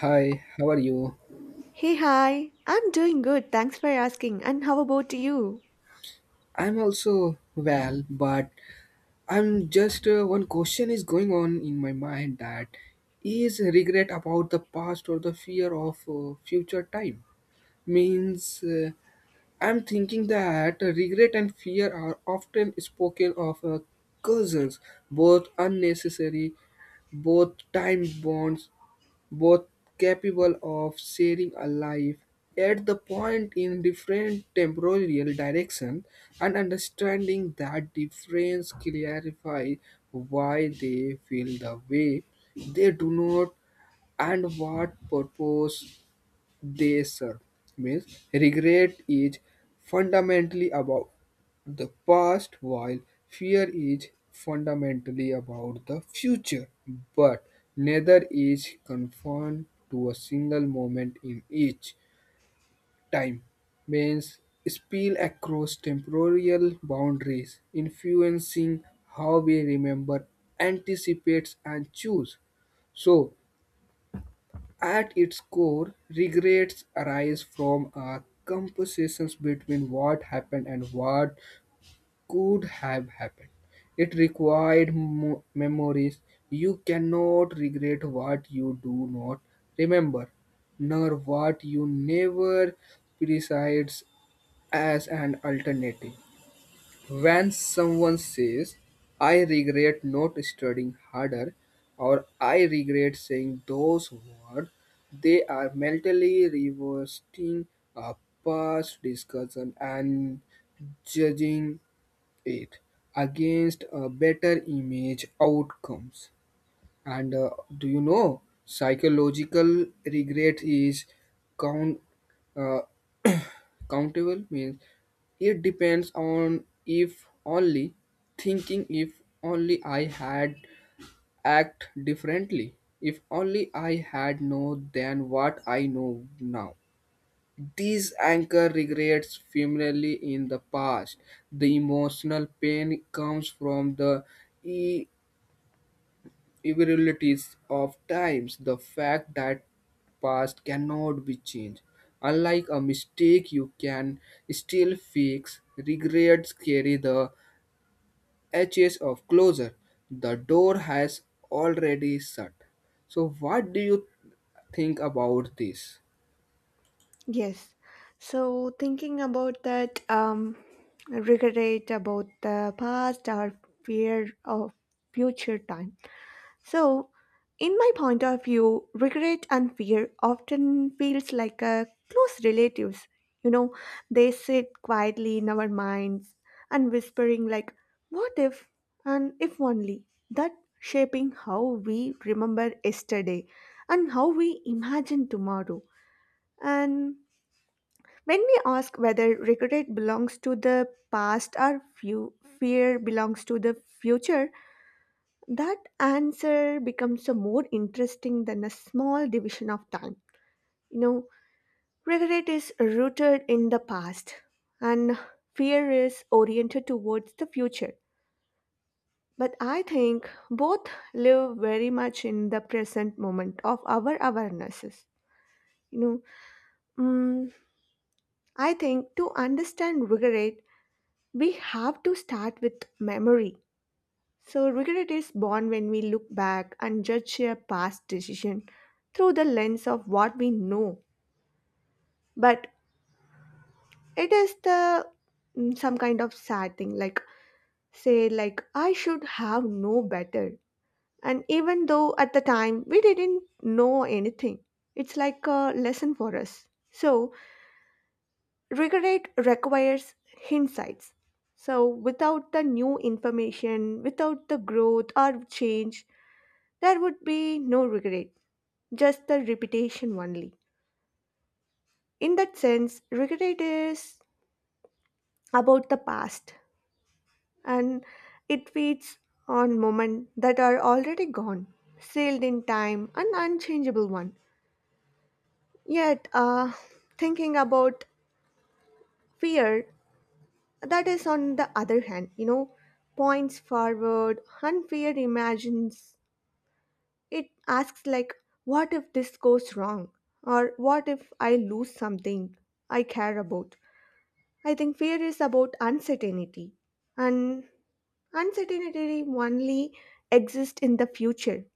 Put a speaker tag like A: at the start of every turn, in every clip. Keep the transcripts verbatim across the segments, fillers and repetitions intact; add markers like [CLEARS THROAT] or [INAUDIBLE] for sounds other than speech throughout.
A: Hi, how are you?
B: Hey, hi. I'm doing good. Thanks for asking. And how about you?
A: I'm also well, but I'm just uh, one question is going on in my mind that is regret about the past or the fear of uh, future time. Means uh, I'm thinking that regret and fear are often spoken of uh, cousins, both unnecessary, both time bonds, both capable of sharing a life at the point in different temporal direction, and understanding that difference clarify why they feel the way they do not and what purpose they serve. Means regret is fundamentally about the past, while fear is fundamentally about the future. But neither is confined to a single moment in each time. Means spill across temporal boundaries, influencing how we remember, anticipates, and choose. So at its core, regrets arise from a composition between what happened and what could have happened. It required mo- memories. You cannot regret what you do not remember, nor what you never presides as an alternative. When someone says, I regret not studying harder, or I regret saying those words, they are mentally reversing a past discussion and judging it against a better image outcomes and uh, do you know psychological regret is count uh. Countable means it depends on if only thinking if only I had act differently, if only I had known than what I know now. These anchor regrets firmly in the past. The emotional pain comes from the irrealities of times, the fact that past cannot be changed. Unlike a mistake you can still fix, regrets carry the edges of closure. The door has already shut. So what do you think about this?
B: Yes. So, thinking about that, um, regret about the past or fear of future time. So, in my point of view, regret and fear often feels like a close relatives. You know, they sit quietly in our minds and whispering like, "What if?" and "If only." That shaping how we remember yesterday and how we imagine tomorrow. And when we ask whether regret belongs to the past or few, fear belongs to the future, that answer becomes a more interesting than a small division of time. You know, regret is rooted in the past and fear is oriented towards the future, but I think both live very much in the present moment of our awarenesses. You know, mm, I think to understand regret we have to start with memory. So, regret is born when we look back and judge a past decision through the lens of what we know. But it is the mm, some kind of sad thing, like say, like I should have known better. And even though at the time we didn't know anything, it's like a lesson for us. So, regret requires insights. So, without the new information, without the growth or change, there would be no regret, just the repetition only. In that sense, regret is about the past and it feeds on moments that are already gone, sealed in time, an unchangeable one. Yet, uh, thinking about fear, that is on the other hand, you know, points forward, and imagines. It asks, like, what if this goes wrong? Or what if I lose something I care about? I think fear is about uncertainty, and uncertainty only exists in the future.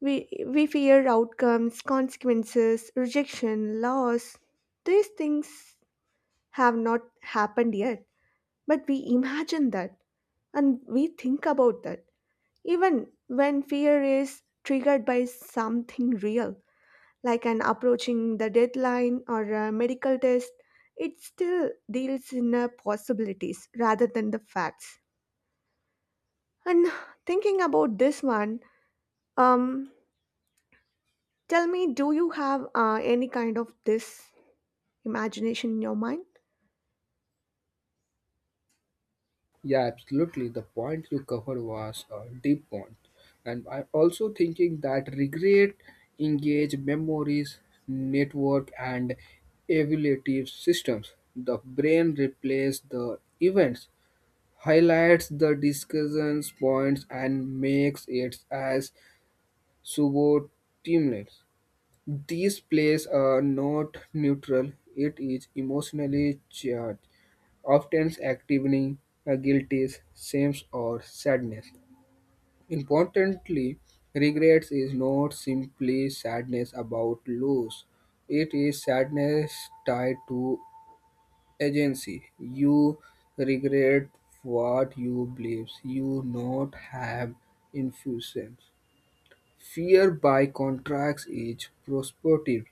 B: We, we fear outcomes, consequences, rejection, loss. These things have not happened yet, but we imagine that and we think about that, even when fear is triggered by something real like an approaching the deadline or a medical test, it still deals in uh, possibilities rather than the facts. And thinking about this one, um, tell me, do you have uh, any kind of this imagination in your mind?
A: Yeah, absolutely. The point you covered was a deep one. And I'm also thinking that regret, engage memories, network, and evaluative systems. The brain replaces the events, highlights the discussions points, and makes it as suboptimal. These plays are not neutral, it is emotionally charged, often activating a guilty, shame, or sadness. Importantly, regret is not simply sadness about loss, it is sadness tied to agency. You regret what you believe you not have influence. Fear, by contrast, is prospective;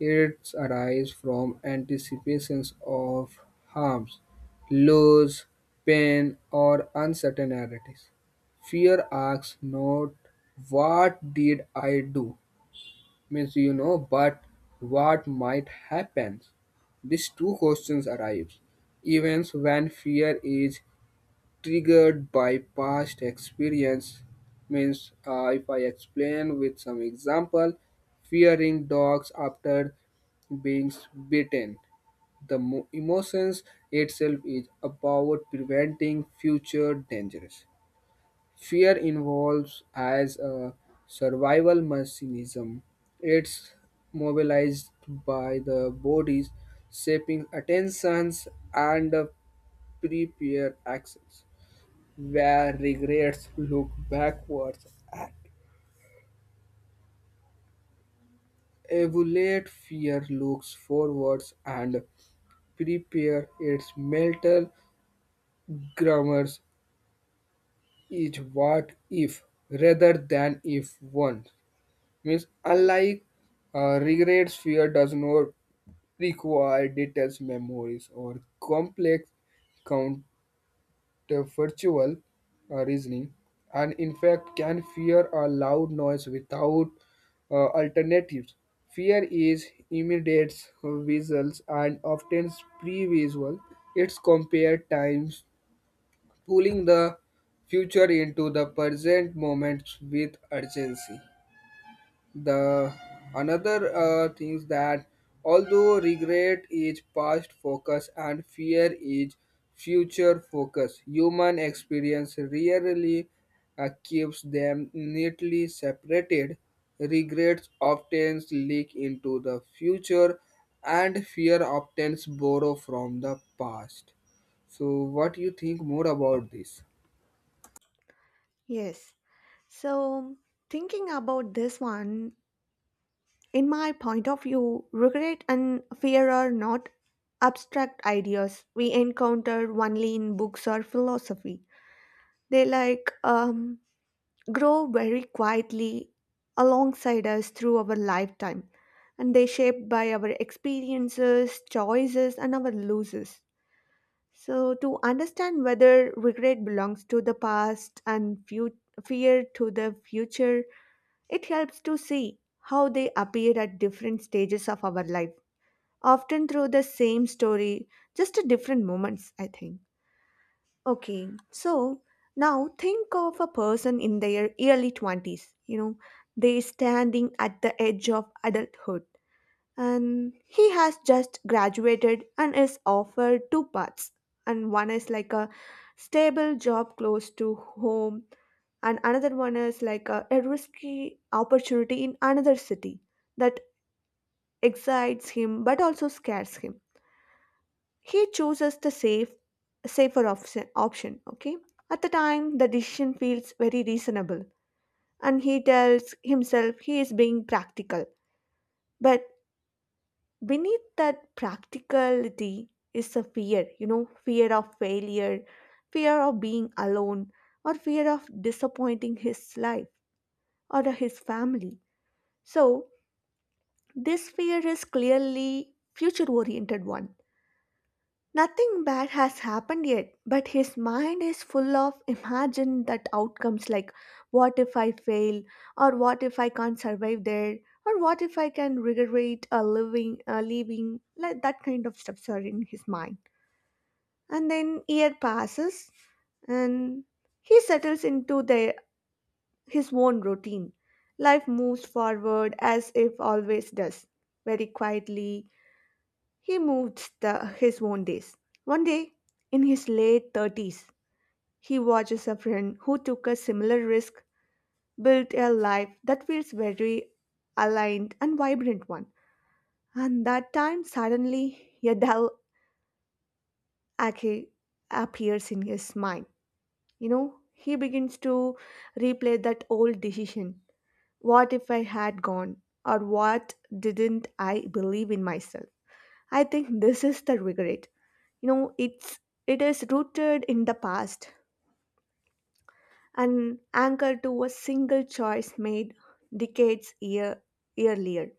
A: it arises from anticipations of harms, loss, pain, or uncertainties. Fear asks not "What did I do?" means you know, but "What might happen?" These two questions arise even when fear is triggered by past experience means uh, if I explain with some example, fearing dogs after being bitten, the mo- emotions itself is about preventing future dangers. Fear involves as a survival mechanism. It's mobilized by the body's shaping attentions and uh, prepare actions where regrets look backwards and evaluate, fear looks forwards and prepare its mental grammars is what if rather than if one. Means unlike uh, regrets, fear does not require details memories or complex the virtual uh, reasoning, and in fact can fear a loud noise without uh, alternatives. Fear is immediate, visuals, and often pre-visual. It's compared times, pulling the future into the present moment with urgency. The another uh, things that although regret is past focus and fear is future focus, human experience rarely uh, keeps them neatly separated. Regrets often leak into the future, and fear often borrow from the past. So, what do you think more about this?
B: Yes. So, thinking about this one, in my point of view, regret and fear are not abstract ideas we encounter only in books or philosophy. They like um, grow very quietly alongside us through our lifetime, and they shaped by our experiences, choices, and our losses. So, to understand whether regret belongs to the past and fu- fear to the future, it helps to see how they appear at different stages of our life, often through the same story, just at different moments, I think. Okay, so now think of a person in their early twenties. You know, they standing at the edge of adulthood and he has just graduated and is offered two paths. And one is like a stable job close to home and another one is like a, a risky opportunity in another city that excites him but also scares him. He chooses the safe, safer option, option. Okay. At the time, the decision feels very reasonable, and he tells himself he is being practical. But beneath that practicality is a fear. You know, fear of failure, fear of being alone, or fear of disappointing his life or his family. So this fear is clearly future-oriented one. Nothing bad has happened yet, but his mind is full of imagine that outcomes like what if I fail, or what if I can't survive there, or what if I can regret a living, a leaving, like that kind of stuffs are in his mind. And then year passes, and he settles into their his own routine. Life moves forward as if always does, very quietly, he moves the, his own days. One day, in his late thirties, he watches a friend who took a similar risk build a life that feels very aligned and vibrant one. And that time, suddenly, a dull ache appears in his mind. You know, he begins to replay that old decision. What if I had gone? Or what didn't I believe in myself? I think this is the regret. You know, it's it is rooted in the past and anchored to a single choice made decades year, earlier.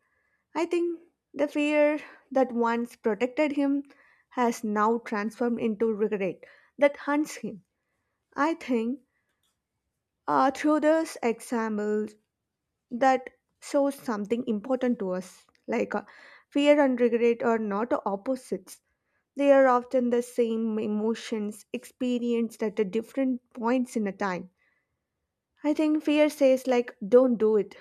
B: I think the fear that once protected him has now transformed into regret that hunts him. I think, uh, through this example, that shows something important to us, like, uh, fear and regret are not opposites. They are often the same emotions experienced at the different points in a time. I think fear says like don't do it,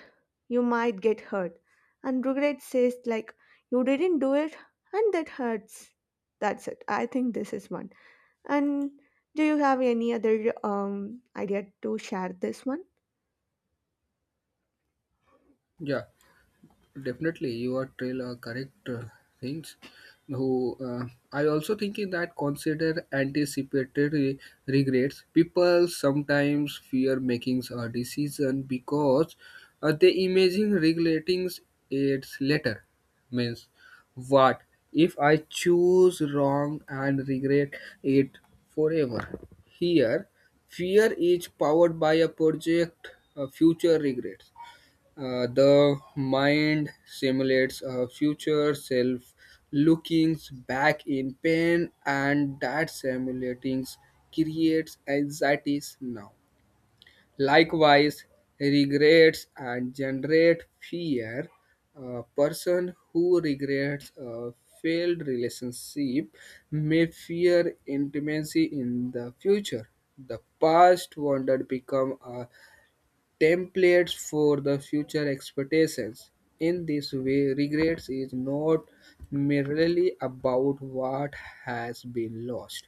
B: you might get hurt, and regret says like you didn't do it and that hurts. That's it. I think this is one. And do you have any other um idea to share this one?
A: Yeah. Definitely you are trail uh, correct uh, things who uh, I also thinking that consider anticipated re- regrets, people sometimes fear making a decision because uh, they imagine regretting it later. Means what if I choose wrong and regret it forever. Here fear is powered by a project uh, future regrets. Uh, the mind simulates a future self looking back in pain, and that simulating creates anxieties now. Likewise, regrets and generate fear. A person who regrets a failed relationship may fear intimacy in the future. The past wounded become a templates for the future expectations. In this way, regrets is not merely about what has been lost.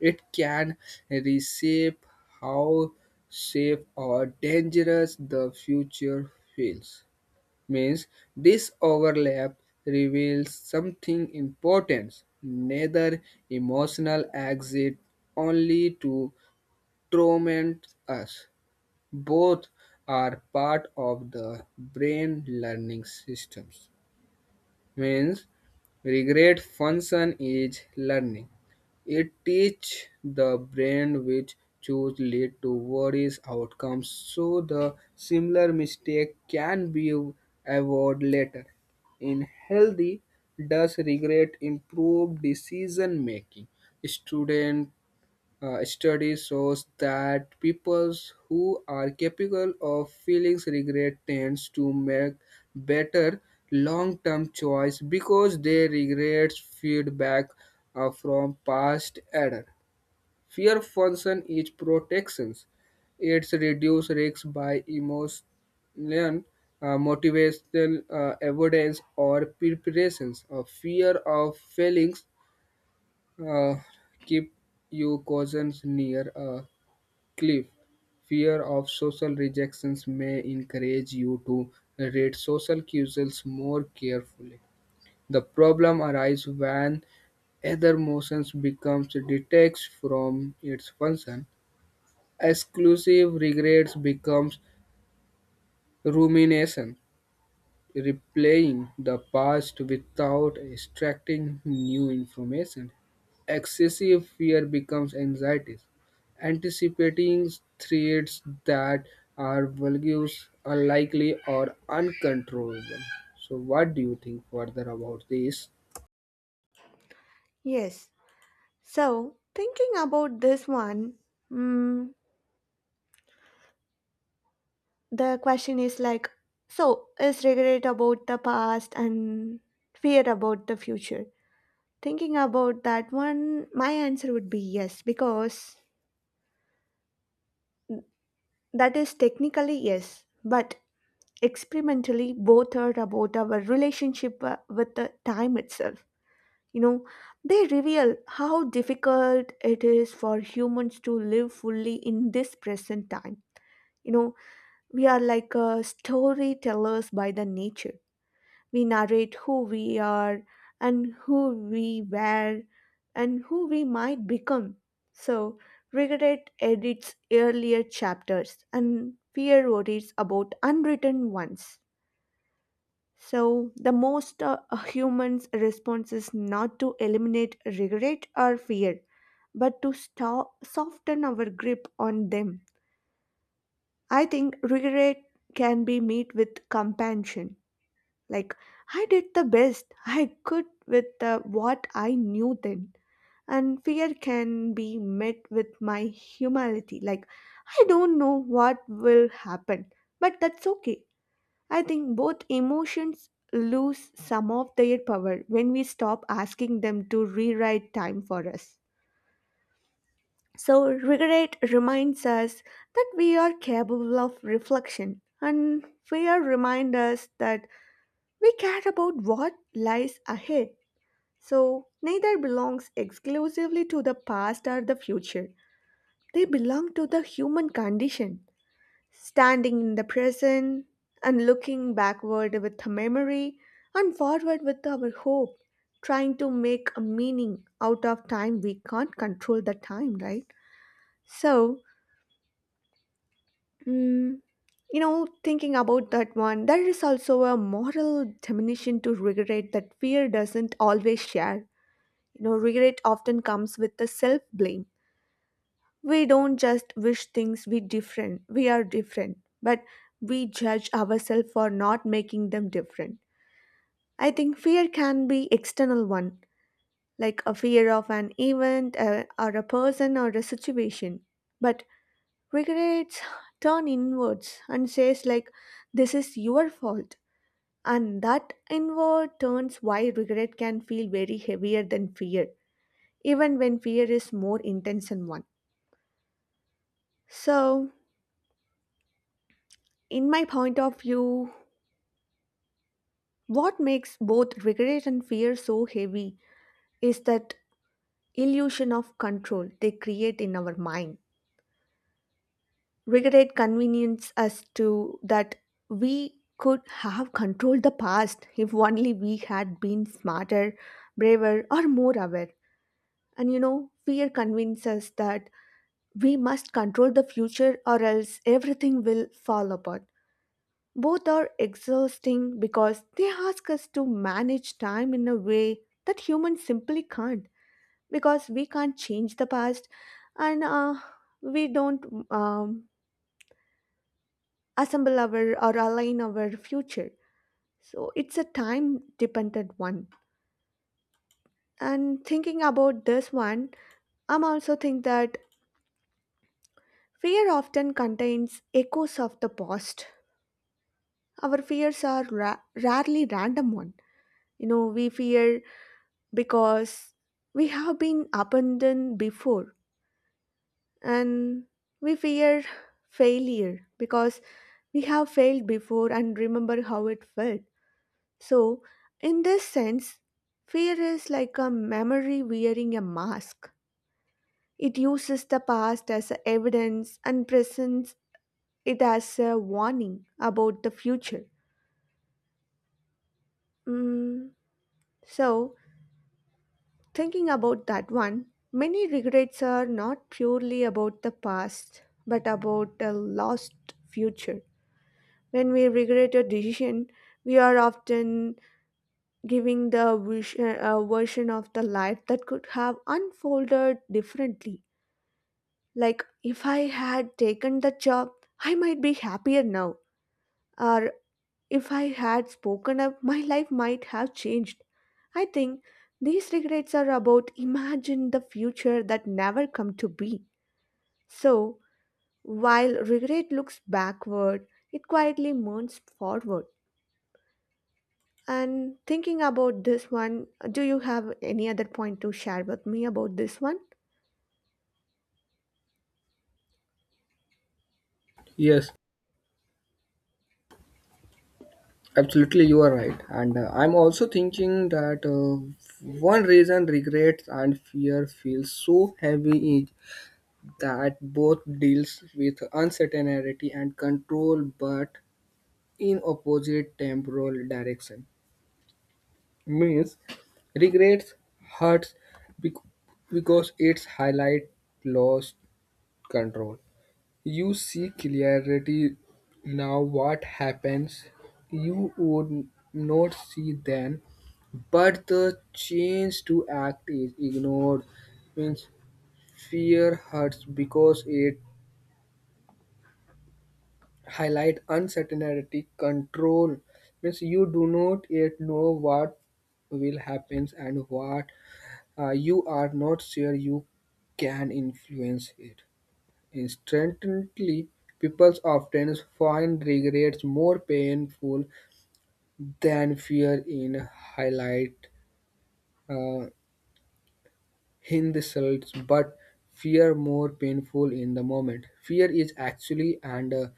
A: It can reshape how safe or dangerous the future feels. Means this overlap reveals something important, neither emotional exit only to torment us. Both are part of the brain learning systems. Means regret function is learning. It teaches the brain which choose lead to worries outcomes so the similar mistake can be avoided later. In healthy, does regret improve decision making? Student uh, study shows that people who are capable of feeling regret tends to make better long-term choice because they regret feedback uh, from past error. Fear function is protections. It's reduce risk by emotion, uh, motivational uh, evidence or preparations. A fear of failings uh, keep you cousins near. A. Cliff, fear of social rejections may encourage you to read social cues more carefully. The problem arises when either motion becomes detached from its function. Exclusive regrets becomes rumination. Replaying the past without extracting new information. Excessive fear becomes anxiety. Anticipating threats that are vulgus, unlikely, or uncontrollable. So, what do you think further about this?
B: Yes. So thinking about this one, mm, the question is like, so is regret about the past and fear about the future? Thinking about that one, my answer would be yes, because that is technically yes, but experimentally both are about our relationship uh, with the time itself. You know, they reveal how difficult it is for humans to live fully in this present time. You know, we are like uh, storytellers by the nature. We narrate who we are and who we were and who we might become. So, regret edits earlier chapters and fear worries about unwritten ones. So, the most uh, a human's response is not to eliminate regret or fear, but to stop, soften our grip on them. I think regret can be met with compassion. Like, I did the best I could with uh, what I knew then. And fear can be met with my humility. Like, I don't know what will happen, but that's okay. I think both emotions lose some of their power when we stop asking them to rewrite time for us. So, regret reminds us that we are capable of reflection, and fear reminds us that we care about what lies ahead, so neither belongs exclusively to the past or the future. They belong to the human condition. Standing in the present and looking backward with a memory and forward with our hope, trying to make a meaning out of time. We can't control the time, right? So, mm, you know, thinking about that one, there is also a moral dimension to regret that fear doesn't always share. You know, regret often comes with the self blame. We don't just wish things we different, we are different, but we judge ourselves for not making them different. I think fear can be external one, like a fear of an event uh, or a person or a situation. But regrets turn inwards and says like this is your fault. And that inward turns why regret can feel very heavier than fear, even when fear is more intense and one. So, in my point of view, what makes both regret and fear so heavy is that illusion of control they create in our mind. Regret convinces us to that we could have controlled the past if only we had been smarter, braver, or more aware. And you know, fear convinces us that we must control the future or else everything will fall apart. Both are exhausting because they ask us to manage time in a way that humans simply can't because we can't change the past and, uh, we don't, um, assemble our or align our future. So it's a time dependent one. And thinking about this one, I'm also think that fear often contains echoes of the past. Our fears are ra- rarely random one. You know, we fear because we have been abandoned before and we fear failure because we have failed before and remember how it felt. So, in this sense, fear is like a memory wearing a mask. It uses the past as a evidence and presents it as a warning about the future. Mm, so, thinking about that one, many regrets are not purely about the past, but about a lost future. When we regret a decision, we are often giving the wish, uh, version of the life that could have unfolded differently. Like, if I had taken the job, I might be happier now. Or if I had spoken up, my life might have changed. I think these regrets are about imagine the future that never come to be. So, while regret looks backward, it quietly mourns forward. And thinking about this one, do you have any other point to share with me about this one?
A: Yes, absolutely, you are right. And uh, I'm also thinking that uh, one reason regrets and fear feel so heavy is that both deals with uncertainty and control but in opposite temporal direction. Means regrets hurts bec- because it's highlight lost control. You see clarity now what happens you would not see then, but the change to act is ignored. Means fear hurts because it highlight uncertainty control. Means you do not yet know what will happen and what uh, you are not sure you can influence it instantly. People often find regrets more painful than fear in highlight uh, in the results, but fear more painful in the moment. Fear is actually and uh,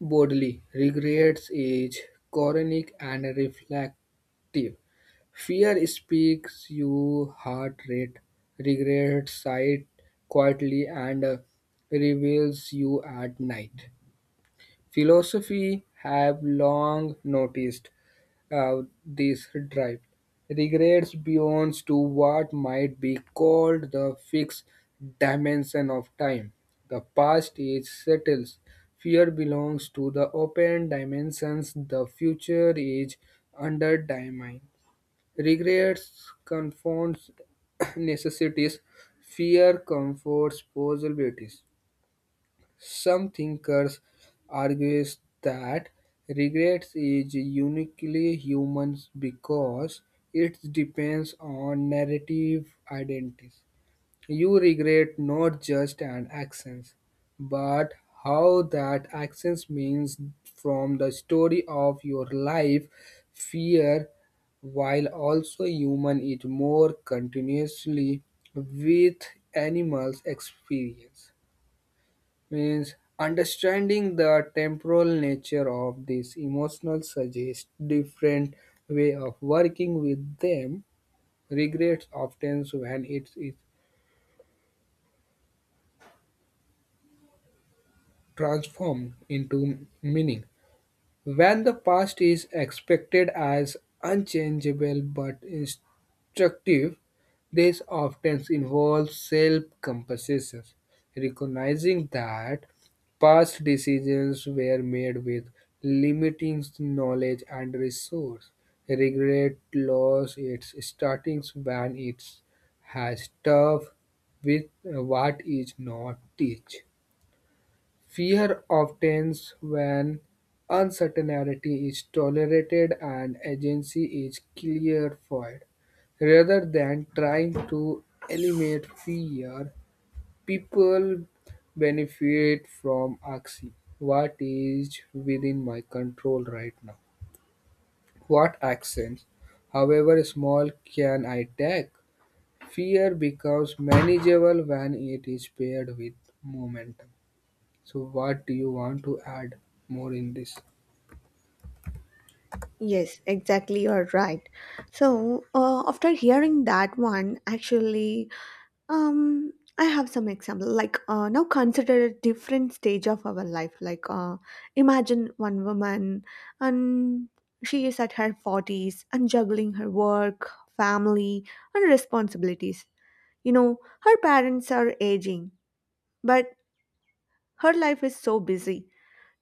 A: Bodley, regrets is chronic and reflective. Fear speaks, your heart rate. Regret sighs quietly and uh, reveals you at night. Philosophy have long noticed out this drive. Regrets beyond to what might be called the fixed dimension of time. The past is settled. Fear belongs to the open dimensions. The future is undermined. Regrets confronts [CLEARS THROAT] necessities. Fear comforts possibilities. Some thinkers argue that regret is uniquely human because it depends on narrative identity. You regret not just an action, but how that action means from the story of your life. Fear, while also human, is more continuously with animals' experience. Means understanding the temporal nature of these emotional suggests different way of working with them. Regrets often when it is transformed into meaning. When the past is expected as unchangeable but instructive, this often involves self-compassion, recognizing that past decisions were made with limiting knowledge and resource. Regret lost its startings when it has tough with what is not teach. Fear obtains when uncertainty is tolerated and agency is clarified. Rather than trying to eliminate fear, people benefit from asking, What is within my control right now? What actions, however small, can I take? Fear becomes manageable when it is paired with momentum. So, what do you want to add more in this?
B: Yes, exactly. You're right. So, uh, after hearing that one, actually, Um, I have some example. Like, uh, now, consider a different stage of our life. Like, uh, imagine one woman, and she is at her forties and juggling her work, family, and responsibilities. You know, her parents are aging, but her life is so busy.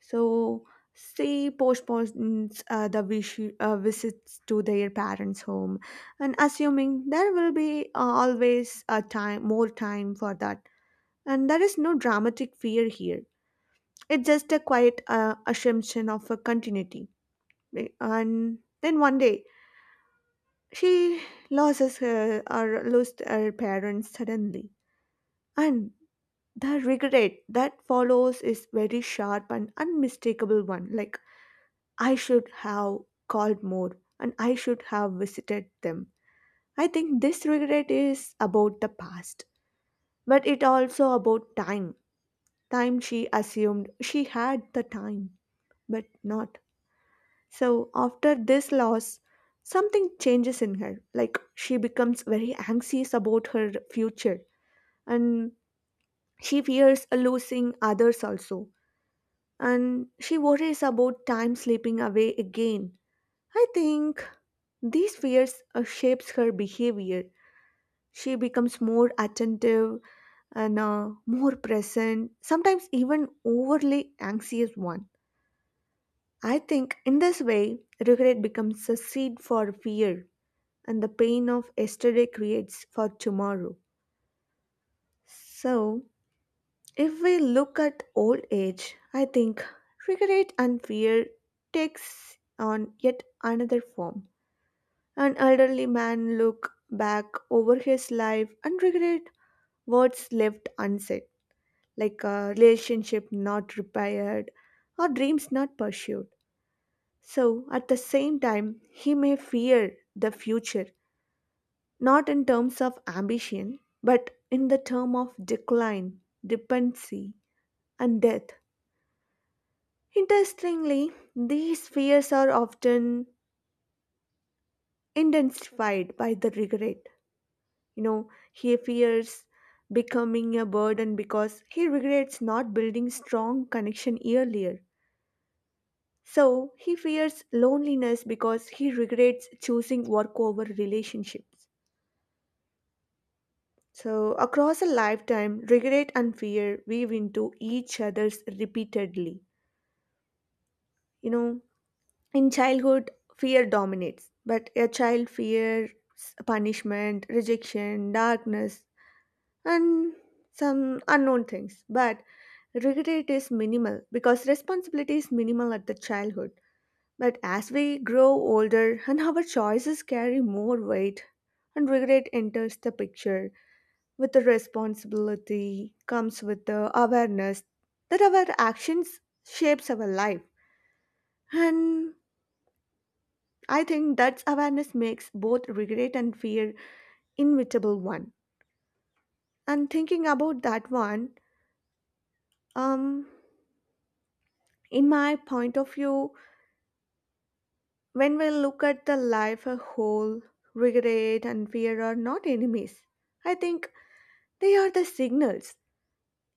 B: So she postpones, uh, the wish, uh, visits to their parents' home, and assuming there will be, uh, always a time, more time for that and there is no dramatic fear here. It's just a quiet uh, assumption of a continuity. Eh, And then one day, she loses her or lost her parents suddenly. And the regret that follows is very sharp and unmistakable one. Like, I should have called more and I should have visited them. I think this regret is about the past, but it also about time. Time she assumed she had the time but not. So after this loss, something changes in her. Like she becomes very anxious about her future and she fears losing others also. And she worries about time slipping away again. I think these fears uh, shapes her behavior. She becomes more attentive and, uh, more present, sometimes even overly anxious one. I think in this way, regret becomes a seed for fear and the pain of yesterday creates for tomorrow. So, if we look at old age, I think regret and fear takes on yet another form. An elderly man look back over his life and regret words left unsaid, like a relationship not repaired or dreams not pursued. So, at the same time, he may fear the future not in terms of ambition, but in the term of decline, dependency, and death. Interestingly, these fears are often intensified by the regret. You know, he fears becoming a burden because he regrets not building strong connection earlier. So he fears loneliness because he regrets choosing work over relationships. So, across a lifetime, regret and fear weave into each other's repeatedly. You know, in childhood, fear dominates, but a child fears punishment, rejection, darkness, and some unknown things. But regret is minimal because responsibility is minimal at the childhood. But as we grow older and our choices carry more weight, and regret enters the picture with the responsibility comes with the awareness that our actions shapes our life, and I think that awareness makes both regret and fear inevitable one. And thinking about that one, um in my point of view, when we look at the life a whole, regret and fear are not enemies. I think they are the signals.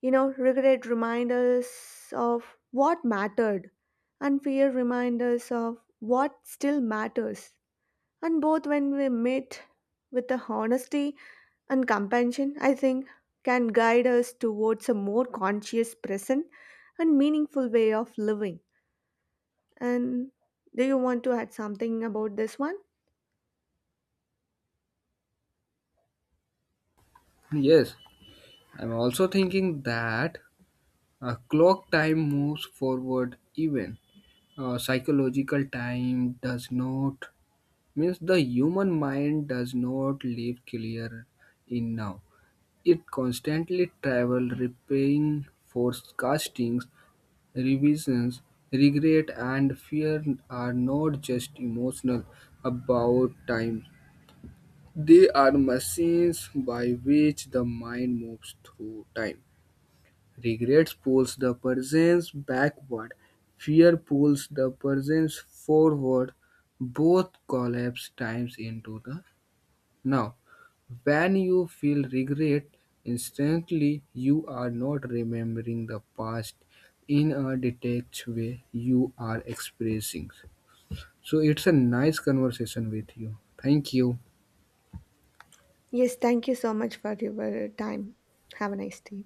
B: You know, regret reminds us of what mattered, and fear reminds us of what still matters. And both, when we meet with the honesty and compassion, I think can guide us towards a more conscious, present, and meaningful way of living. And do you want to add something about this one?
A: Yes, I'm also thinking that a clock time moves forward even. Uh, psychological time does not, means the human mind does not live clear in now. It constantly travel repaying forecastings, revisions, regret and fear are not just emotional about time. They are machines by which the mind moves through time. Regret pulls the presence backward, fear pulls the presence forward. Both collapse times into the now. When you feel regret, instantly you are not remembering the past in a detached way, you are expressing. So it's a nice conversation with you. Thank you.
B: Yes, thank you so much for your time. Have a nice day.